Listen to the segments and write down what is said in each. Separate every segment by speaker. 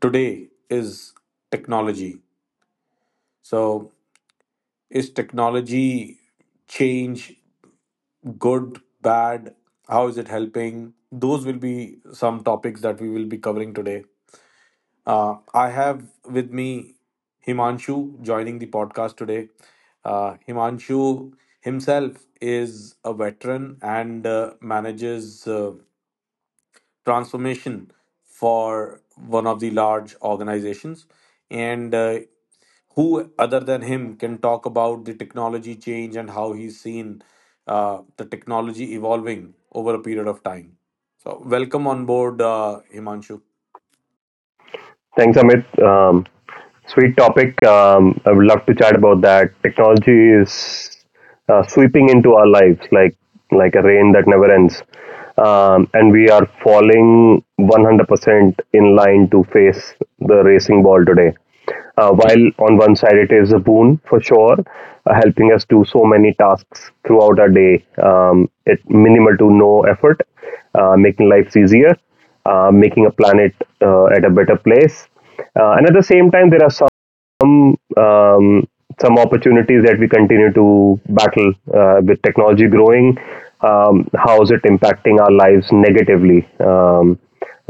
Speaker 1: today is technology. So, is technology change good, bad? How is it helping? Those will be some topics that we will be covering today. I have with me Himanshu joining the podcast today. Himanshu himself is a veteran and manages transformation for one of the large organizations, and who other than him can talk about the technology change and how he's seen the technology evolving over a period of time. So welcome on board, Himanshu.
Speaker 2: Thanks, Amit. Sweet topic. I would love to chat about that. Technology is sweeping into our lives like a rain that never ends, and we are falling 100% in line to face the racing ball today. While on one side it is a boon for sure, helping us do so many tasks throughout our day, at minimal to no effort, making lives easier, making a planet at a better place. And at the same time, there are some opportunities that we continue to battle with technology growing. How is it impacting our lives negatively?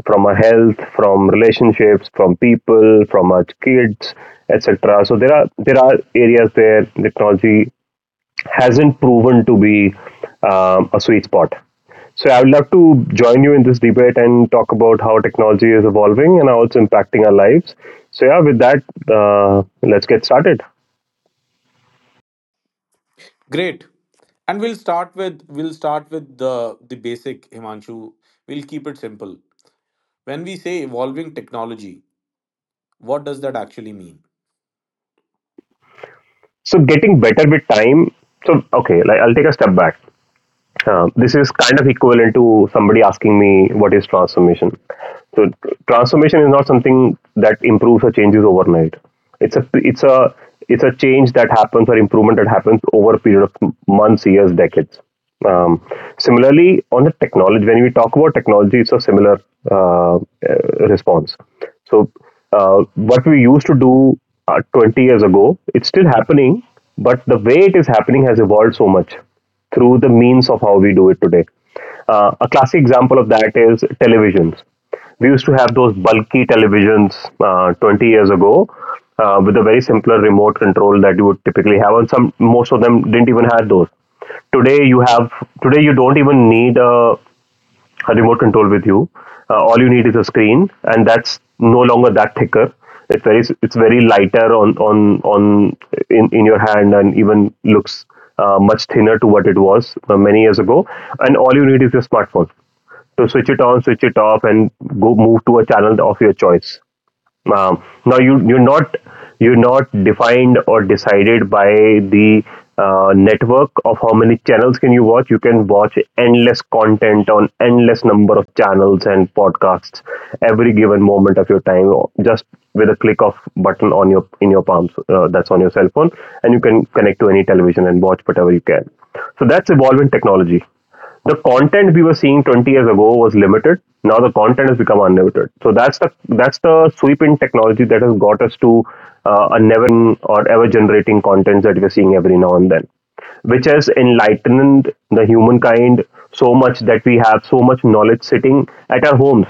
Speaker 2: From our health, from relationships, from people, from our kids, etc. So there are areas where technology hasn't proven to be a sweet spot. So I would love to join you in this debate and talk about how technology is evolving and how it's impacting our lives. So yeah, with that, let's get started.
Speaker 1: Great, and we'll start with the basic, Himanshu. We'll keep it simple. When we say evolving technology, what does that actually mean?
Speaker 2: So getting better with time. So okay, like I'll take a step back. This is kind of equivalent to somebody asking me what is transformation. So transformation is not something that improves or changes overnight. It's a it's a it's a change that happens or improvement that happens over a period of months, years, decades. Um, Similarly, on the technology, when we talk about technology, it's a similar response. So what we used to do 20 years ago, it's still happening, but the way it is happening has evolved so much through the means of how we do it today. A classic example of that is televisions. We used to have those bulky televisions 20 years ago with a very simpler remote control that you would typically have, and some most of them didn't even have those. Today you have today you don't even need a remote control with you. All you need is a screen, and that's no longer that thicker. It's very lighter in your hand, and even looks much thinner to what it was many years ago. And all you need is your smartphone to switch it on, switch it off, and go move to a channel of your choice. Now you're not defined or decided by the network of how many channels can you watch. You can watch endless content on endless number of channels and podcasts every given moment of your time, or just with a click of button on your in your palms that's on your cell phone, and you can connect to any television and watch whatever you can. So that's evolving technology, the content we were seeing 20 years ago was limited, now the content has become unlimited, so that's the sweep in technology that has got us to a never ending or ever generating content that we're seeing every now and then, which has enlightened the humankind so much that we have so much knowledge sitting at our homes.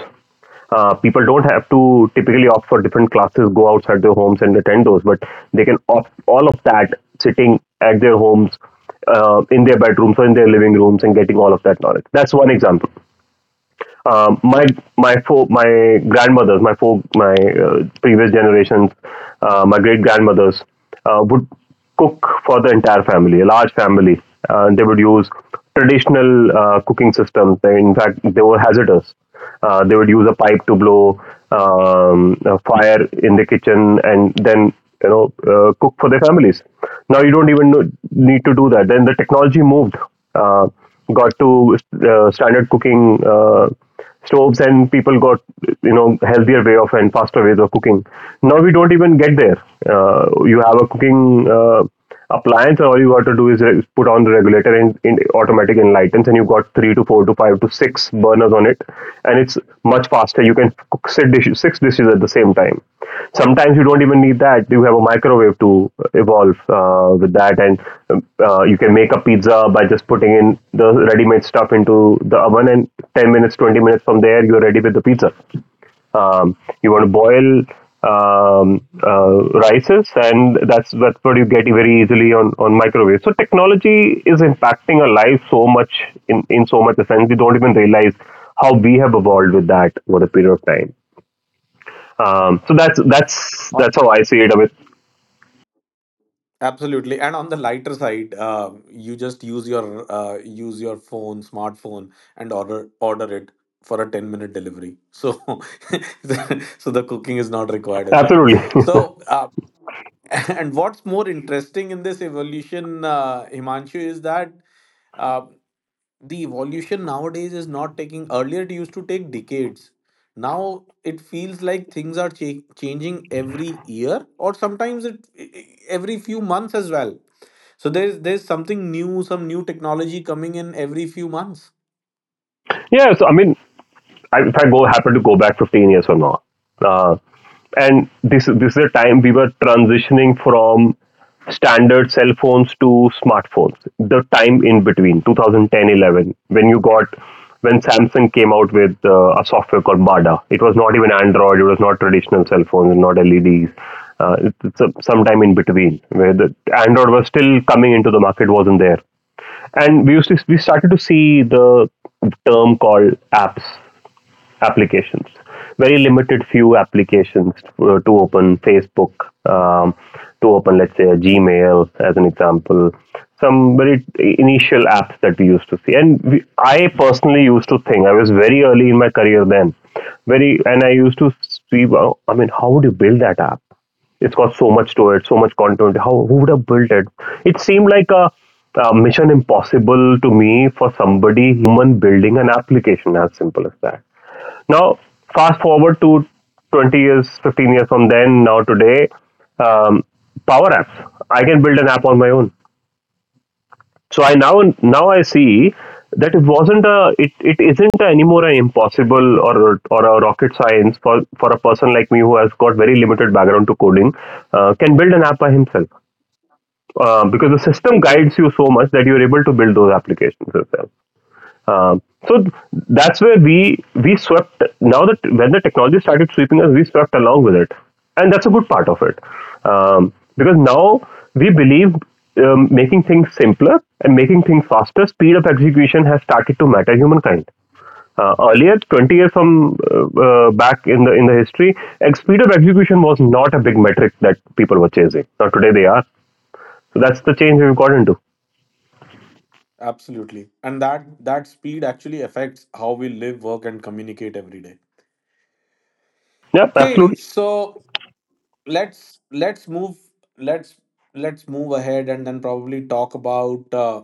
Speaker 2: People don't have to typically opt for different classes, go outside their homes and attend those, but they can opt all of that sitting at their homes, in their bedrooms or in their living rooms and getting all of that knowledge. That's one example. Um, my my grandmothers, my previous generations, my great grandmothers would cook for the entire family, a large family. They would use traditional cooking systems. They, in fact, they were hazardous. They would use a pipe to blow a fire in the kitchen and then cook for their families. Now you don't even know, need to do that. Then the technology moved. Uh, got to standard cooking stoves and people got, you know, healthier way of and faster ways of cooking. Now we don't even get there. You have a cooking appliance and all you got to do is put on the regulator and in automatic enlightens, and you got 3 to 4 to 5 to 6 burners on it, and it's much faster. You can cook six dishes, six dishes. At the same time sometimes you don't even need that, you have a microwave to evolve with that, and you can make a pizza by just putting in the ready made stuff into the oven and 10 minutes 20 minutes from there you're ready with the pizza. um, you want to boil rices, and that's what you get very easily on microwave. So technology is impacting our lives so much in so much a sense. We don't even realize how we have evolved with that over a period of time. So that's how I see it. I mean,
Speaker 1: Absolutely, and on the lighter side, you just use your use your phone, smartphone, and order it for a 10 minute delivery. So, so the cooking is not required as well.
Speaker 2: absolutely.
Speaker 1: So, and what's more interesting in this evolution, Himanshu, is that uh, the evolution nowadays is not taking. Earlier it used to take decades. Now it feels like things are changing every year, or sometimes every few months as well. So there's something new, some new technology coming in every few months.
Speaker 2: Yeah. So I mean, I, if I go happen to go back 15 years from now, uh, and this is a time we were transitioning from standard cell phones to smartphones. The time in between 2010, 11, when you got when Samsung came out with a software called Bada. It was not even Android. It was not traditional cell phones and not LEDs. It's a, sometime in between where the Android was still coming into the market, wasn't there, and we started to see the term called apps applications. Very limited few applications to open Facebook, um, to open, let's say, a Gmail as an example. Some very initial apps that we used to see, and we, I personally used to think I was very early in my career then, very, and I used to see, wow, I mean, how would you build that app? It's got so much to it, so much content. How, who would have built it? It seemed like a mission impossible to me for somebody human building an application as simple as that. Now, fast forward to 20 years, 15 years from then, now today, um, power apps. I can build an app on my own. So I now I see that it wasn't it isn't anymore an impossible or a rocket science for a person like me who has got very limited background to coding, can build an app by himself because the system
Speaker 1: True,
Speaker 2: guides you so much that you're able to build those applications yourself. Um, so that's where we swept. Now that when the technology started sweeping us, we swept along with it, and that's a good part of it, because now we believe making things simpler and making things faster, speed of execution has started to matter humankind. Earlier, 20 years from back in the history, speed of execution was not a big metric that people were chasing. Now today they are. So that's the change we've got into.
Speaker 1: absolutely, and that speed actually affects how we live, work and communicate every day.
Speaker 2: Yeah,
Speaker 1: Okay,
Speaker 2: absolutely.
Speaker 1: so let's let's move let's let's move ahead and then probably talk about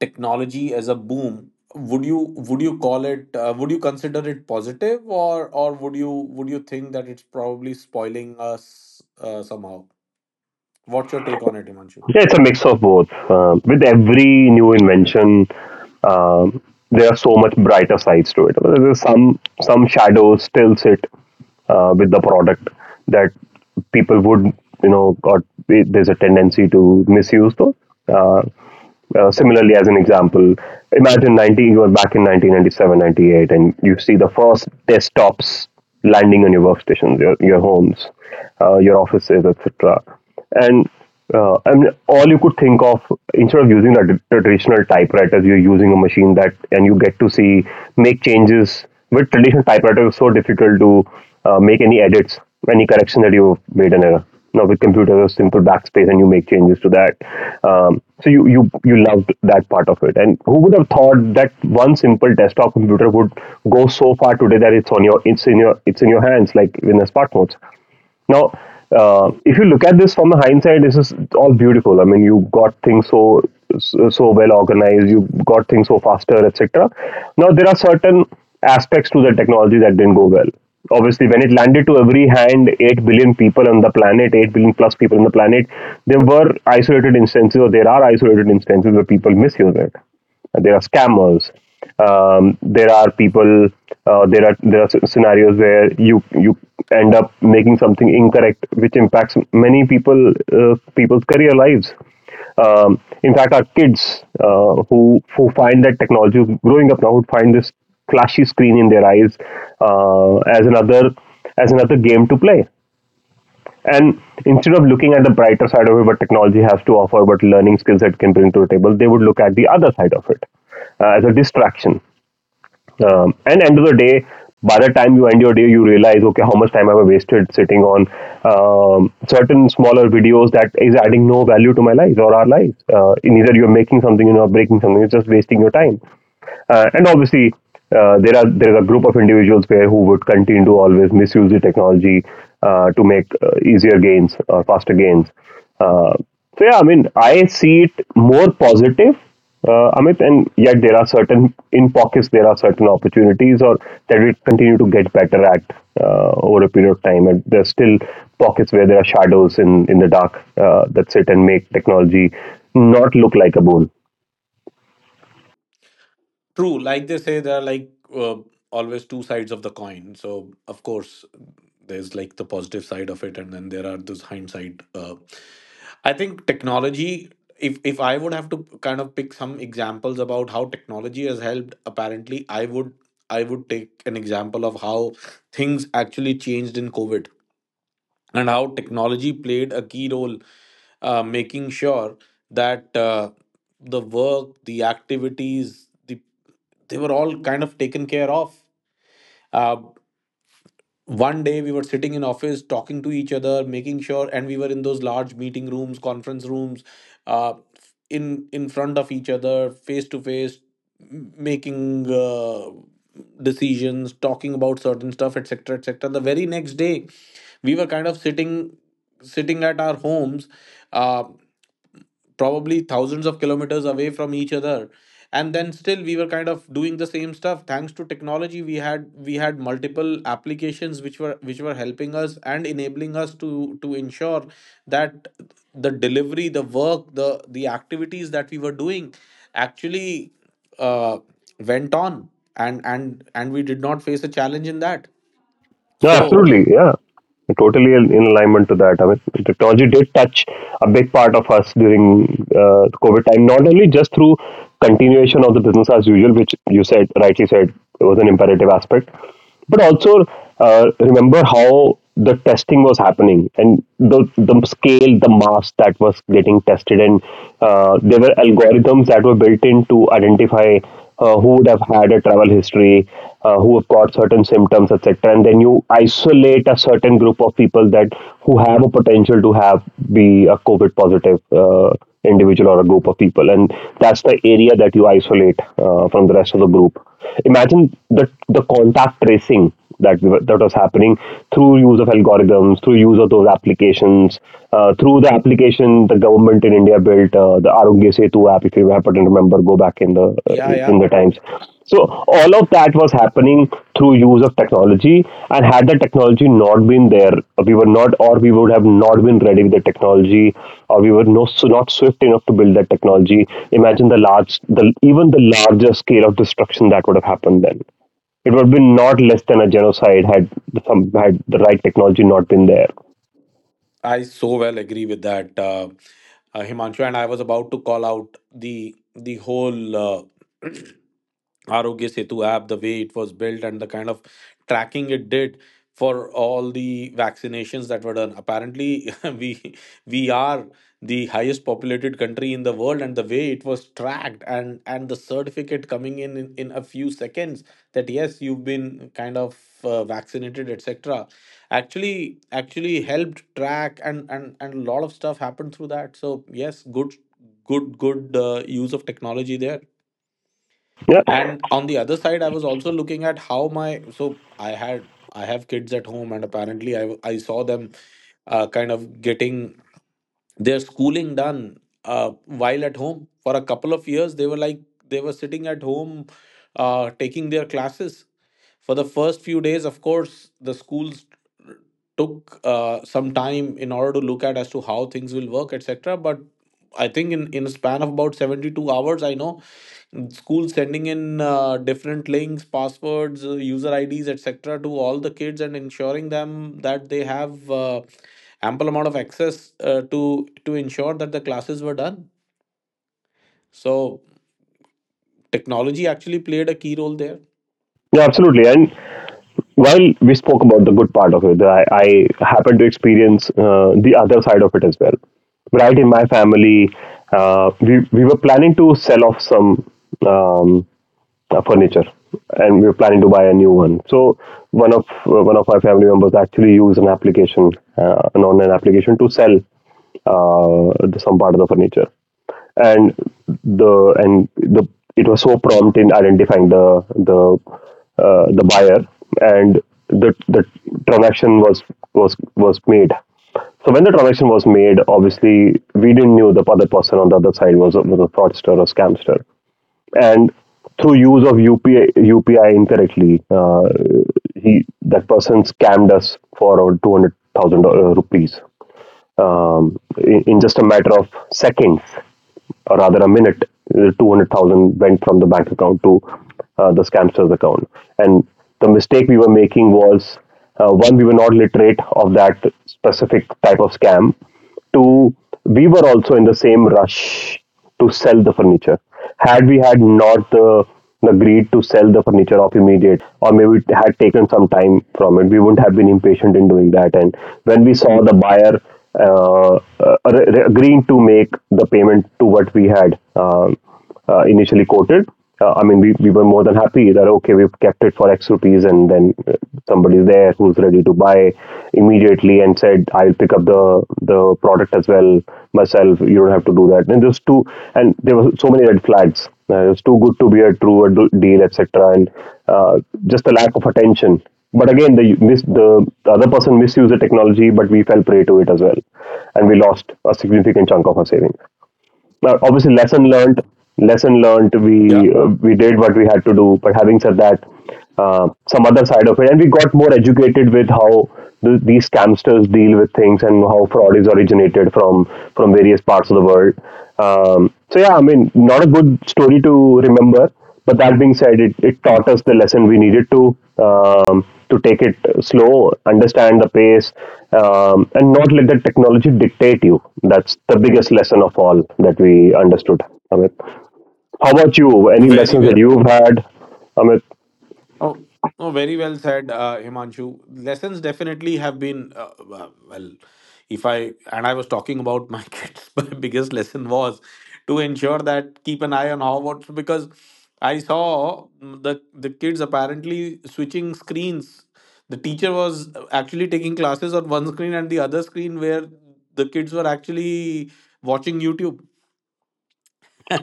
Speaker 1: technology as a boom. Would you would you call it, would you consider it positive, or would you think that it's probably spoiling us somehow? What's your take on it, Himanshu?
Speaker 2: Yeah, it's a mix of both. With every new invention, um, there are so much brighter sides to it. There's some shadows still sit with the product that people would, you know, or there's a tendency to misuse those. Uh, Similarly, as an example, imagine nineteen. You are back in 1997, 98, and you see the first desktops landing on your workstations, your homes, your offices, etc. And I mean, all you could think of instead of using a traditional typewriter, you're using a machine that, and you get to see make changes with traditional typewriter, it's so difficult to make any edits, any correction that you made an error. Now with computer, a simple backspace, and you make changes to that. So you loved that part of it. And who would have thought that one simple desktop computer would go so far today that it's on your it's in your hands, like in the smartphones. Now,
Speaker 1: True.
Speaker 2: if you look at this from the hindsight, this is all beautiful. I mean, you got things so well organized, you got things so faster, etc. Now, there are certain aspects to the technology that didn't go well. Obviously, when it landed to every hand, 8 billion people on the planet, 8 billion plus people on the planet, there were isolated instances, or there are isolated instances where people misuse it. There are scammers. There are people. There are scenarios where you end up making something incorrect, which impacts many people, people's career lives. In fact, our kids who find that technology growing up now would find this flashy screen in their eyes uh, as another as another game to play, and instead of looking at the brighter side of it, what technology has to offer, what learning skills it can bring to the table, they would look at the other side of it as a distraction, and end of the day, by the time you end your day, you realize, okay, how much time have I wasted sitting on, certain smaller videos that is adding no value to my life or our lives, in either you're making something you or breaking something, it's just wasting your time, and obviously, there is a group of individuals where who would continue to always misuse the technology, to make easier gains or faster gains, uh, so yeah, I mean, I see it more positive, Amit, and yet there are certain in pockets, there are certain opportunities or that we continue to get better at, over a period of time, and there's still pockets where there are shadows in the dark, that sit and make technology not look like a boon.
Speaker 1: True, like they say, there are like always two sides of the coin. So, of course, there's like the positive side of it, and then there are those hindsight. I think technology. If I would have to kind of pick some examples about how technology has helped, apparently, I would take an example of how things actually changed in COVID and how technology played a key role, making sure that the work, the activities, the they were all kind of taken care of. Uh, One day we were sitting in office talking to each other, making sure, and we were in those large meeting rooms, conference rooms, uh, in front of each other, face to face, making decisions, talking about certain stuff, etc, etc. The very next day we were kind of sitting at our homes, uh, probably thousands of kilometers away from each other, and then still we were kind of doing the same stuff. Thanks to technology, we had multiple applications which were helping us and enabling us to ensure that the delivery, the work, the activities that we were doing actually uh, went on, and and we did not face a challenge in that.
Speaker 2: No,
Speaker 1: So
Speaker 2: absolutely. Yeah. Totally in alignment to that. I mean, technology did touch a big part of us during COVID time, not only just through continuation of the business as usual, which you said, rightly said, was an imperative aspect, but also, remember how the testing was happening and the scale, the mass that was getting tested. And there were algorithms that were built in to identify who would have had a travel history, who have got certain symptoms, et cetera. And then you isolate a certain group of people that who have a potential to have be a COVID positive individual or a group of people, and that's the area that you isolate from the rest of the group. Imagine the contact tracing that was happening through use of algorithms, through use of those applications, through the application the government in India built, the Arogya Setu app. If you happen to remember, go back
Speaker 1: yeah, yeah,
Speaker 2: in the times. So all of that was happening through use of technology, and had the technology not been there, we were not, or we would have not been ready with the technology, or we were no, so not swift enough to build that technology. Imagine the large, the even the larger scale of destruction that would have happened, then it would have been not less than a genocide had some had the right technology not been there.
Speaker 1: I so well agree with that, Himanshu. And I was about to call out the whole Uh, Arogya Setu app, the way it was built, and the kind of tracking it did for all the vaccinations that were done. Apparently, we are the highest populated country in the world, and the way it was tracked, and the certificate coming in in a few seconds that yes, you've been kind of vaccinated, etc. Actually helped track, and a lot of stuff happened through that. So yes, good use of technology there.
Speaker 2: Yeah,
Speaker 1: And on the other side, I was also looking at how my, so I have kids at home, and apparently I saw them kind of getting their schooling done while at home for a couple of years. They were like, they were sitting at home, taking their classes. For the first few days, of course, the schools took some time in order to look at as to how things will work, etc, but I think in a span of about 72 hours, I know schools sending in different links, passwords, user ids, etc, to all the kids, and ensuring them that they have ample amount of access uh, to to ensure that the classes were done. So technology actually played a key role there.
Speaker 2: yeah, absolutely. And while we spoke about the good part of it, I happened to experience the other side of it as well. Right in my family, we were planning to sell off some um, furniture, and we were planning to buy a new one. So one of my family members actually used an application, an online application, to sell the, some part of the furniture, and and the it was so prompt in identifying the the buyer, and the transaction was made. So when the transaction was made, obviously we didn't knew the other person on the other side was a fraudster or scamster, and through use of UPI, UPI incorrectly, he that person scammed us for 200,000 rupees, in just a matter of seconds, or rather a minute, 200,000 went from the bank account to the scamster's account. And the mistake we were making was, one, we were not literate of that specific type of scam. Two, we were also in the same rush to sell the furniture. Had we had not the agreed to sell the furniture off immediately, or maybe it had taken some time from it, we wouldn't have been impatient in doing that, and when we saw the buyer uh, agreeing to make the payment to what we had, initially quoted, I mean, we were more than happy that, okay, we've kept it for X rupees, and then somebody's there who's ready to buy immediately, and said, "I'll pick up the product as well myself. You don't have to do that." And just too, and there were so many red flags. It was too good to be a true a deal, etc. And uh, just the lack of attention. But again, the the other person misused the technology, but we fell prey to it as well, and we lost a significant chunk of our savings. Well, obviously, lesson learned, lesson learned,
Speaker 1: Yeah,
Speaker 2: we, we did what we had to do, but having said that, some other side of it, and we got more educated with how these scamsters deal with things and how fraud is originated from various parts of the world, so yeah, I mean, not a good story to remember, but that being said, it taught us the lesson we needed to, um, to take it slow, understand the pace, and not let the technology dictate you. That's the biggest lesson of all that we understood, Amit. How about you? Any
Speaker 1: very
Speaker 2: lessons that
Speaker 1: well.
Speaker 2: you've had, Amit?
Speaker 1: Oh, oh, very well said, Himanshu. Lessons definitely have been, well, if I, and I was talking about my kids. My biggest lesson was to ensure that keep an eye on how, because I saw, the, kids apparently switching screens. The teacher was actually taking classes on one screen, and the other screen where the kids were actually watching YouTube.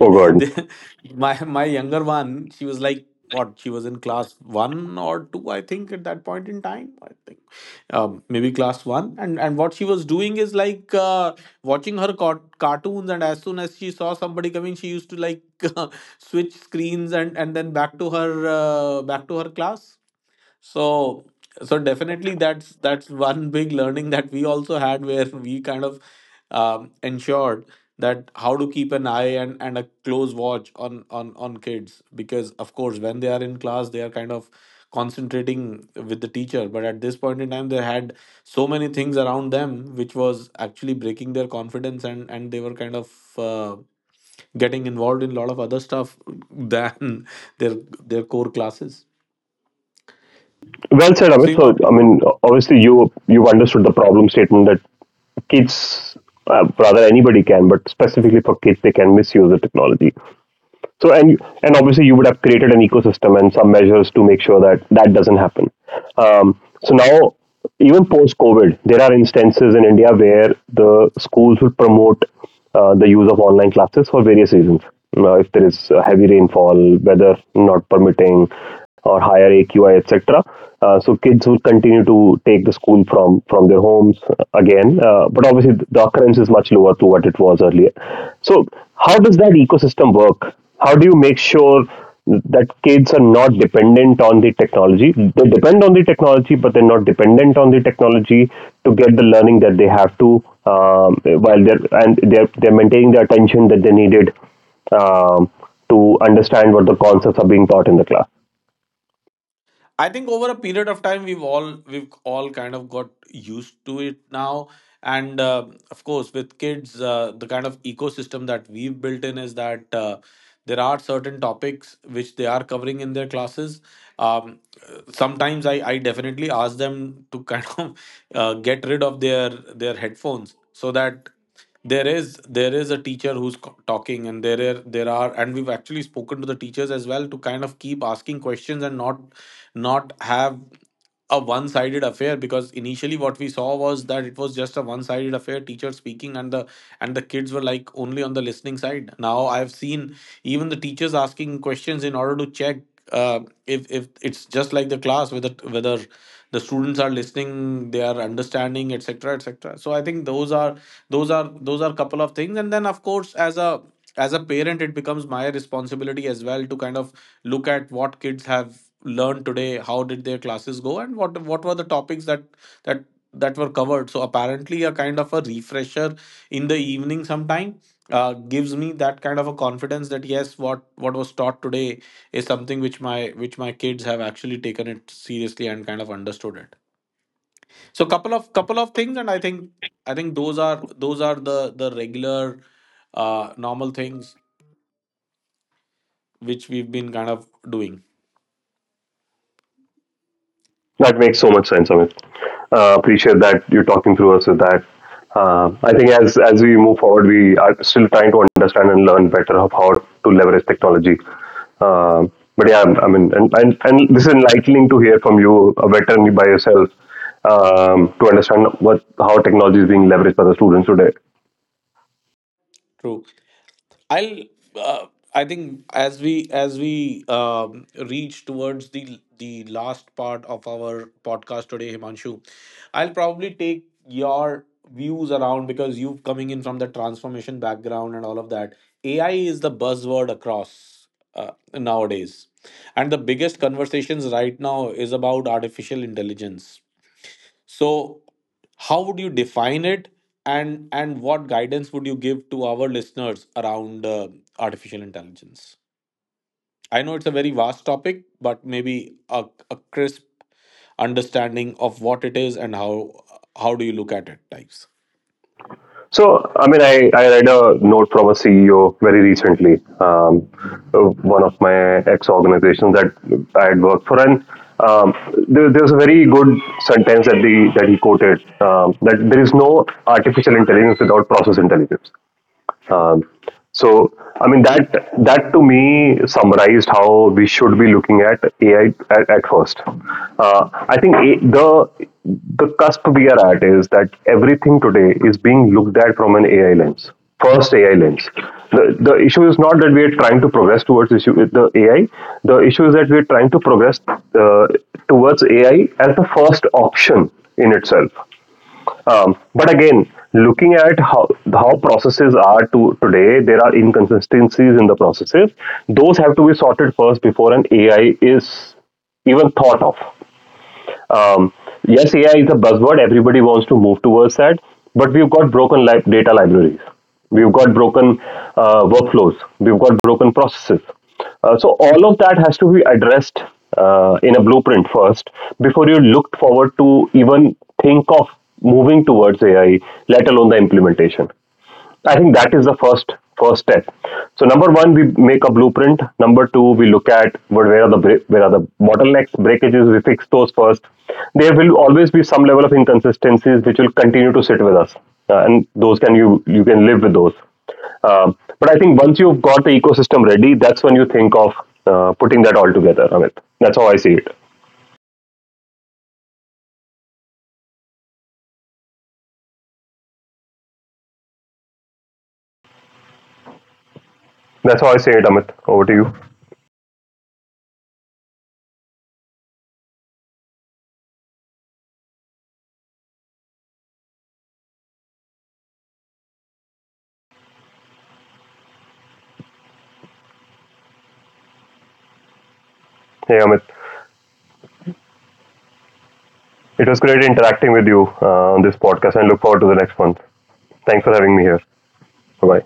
Speaker 2: Oh, God.
Speaker 1: They- my younger one, she was like, what, she was in class one or two, I think, at that point in time. I think maybe class one, and what she was doing is like watching her cartoons, and as soon as she saw somebody coming, she used to like switch screens, and then back to her class. So so definitely that's one big learning that we also had, where we kind of ensured that how to keep an eye and, a close watch on, on kids, because of course when they are in class, they are kind of concentrating with the teacher, but at this point in time they had so many things around them which was actually breaking their confidence, and they were kind of uh, getting involved in a lot of other stuff than their core classes.
Speaker 2: Well said, Amit.
Speaker 1: Seema,
Speaker 2: So, I mean, obviously, you've understood the problem statement that kids, rather anybody can, but specifically for kids, they can misuse the technology. So and obviously you would have created an ecosystem and some measures to make sure that that doesn't happen. Um, so now, even post COVID, there are instances in India where the schools will promote the use of online classes for various reasons. Now, if there is heavy rainfall, weather not permitting, or higher AQI, etc. So kids will continue to take the school from their homes, again, but obviously the occurrence is much lower to what it was earlier. So how does that ecosystem work? How do you make sure that kids are not dependent on the technology, they depend on the technology but they're not dependent on the technology to get the learning that they have to, while they're and they're maintaining the attention that they needed, um, to understand what the concepts are being taught in the class?
Speaker 1: I think over a period of time we've all kind of got used to it now, and of course with kids, the kind of ecosystem that we've built in is that there are certain topics which they are covering in their classes. Um, Sometimes I definitely ask them to kind of get rid of their headphones, so that there is, there is a teacher who's talking, and there are, there are and we've actually spoken to the teachers as well to kind of keep asking questions and not, have a one sided affair. Because initially what we saw was that it was just a one sided affair, teacher speaking, and the kids were like only on the listening side. Now I've seen even the teachers asking questions in order to check uh, if, it's just like the class, whether the students are listening, they are understanding, etc, etc. So I think those are, those are couple of things, and then of course as a, as a parent, it becomes my responsibility as well to kind of look at what kids have learned today, how did their classes go, and what, were the topics that that that were covered. So apparently a kind of a refresher in the evening sometime gives me that kind of a confidence that yes, what, was taught today is something which my, which my kids have actually taken it seriously and kind of understood it. So couple of, couple of things, and I think those are, those are the regular, uh, normal things which we've been kind of doing.
Speaker 2: That makes so much sense, Amit. Appreciate that you're talking through us with that. I think as we move forward, we are still trying to understand and learn better of how to leverage technology. Uh, but yeah, I mean, and this is enlightening to hear from you, a veteran by yourself, to understand what how technology is being leveraged by the students today.
Speaker 1: True. I'll. Uh, I think as we, as we reach towards the last part of our podcast today, Himanshu, I'll probably take your views around, because you have coming in from the transformation background and all of that. AI is the buzzword across nowadays, and the biggest conversations right now is about artificial intelligence. So, how would you define it, and what guidance would you give to our listeners around artificial intelligence? I know it's a very vast topic, but maybe a crisp understanding of what it is and how do you look at it, like.
Speaker 2: So, I mean, I read a note from a CEO very recently, um, one of my ex organizations that I had worked for, and um, there was a very good sentence that the that he quoted, that there is no artificial intelligence without process intelligence. Um, so, I mean, that to me summarized how we should be looking at AI at first. I think a, the cusp we are at is that everything today is being looked at from an AI lens. First AI lens. The issue is not that we are trying to progress towards issue the AI. The issue is that we are trying to progress towards AI as the first option in itself, but again, looking at how processes are to today, there are inconsistencies in the processes. Those have to be sorted first before an AI is even thought of. Um, yes, AI is a buzzword. Everybody wants to move towards that, but we've got broken data libraries. We've got broken workflows. We've got broken processes. So all of that has to be addressed in a blueprint first before you look forward to even think of moving towards AI, let alone the implementation. I think that is the first step. So number 1, we make a blueprint. Number 2, we look at what where are the where are the bottlenecks, breakages. We fix those first. There will always be some level of inconsistencies which will continue to sit with us, and those can you can live with those. But I think once you've got the ecosystem ready, that's when you think of putting that all together, Amit. That's how I see it. That's how I see it, Amit. Over to you. Hey, Amit. It was great interacting with you on this podcast, and look forward to the next one. Thanks for having me here. Bye.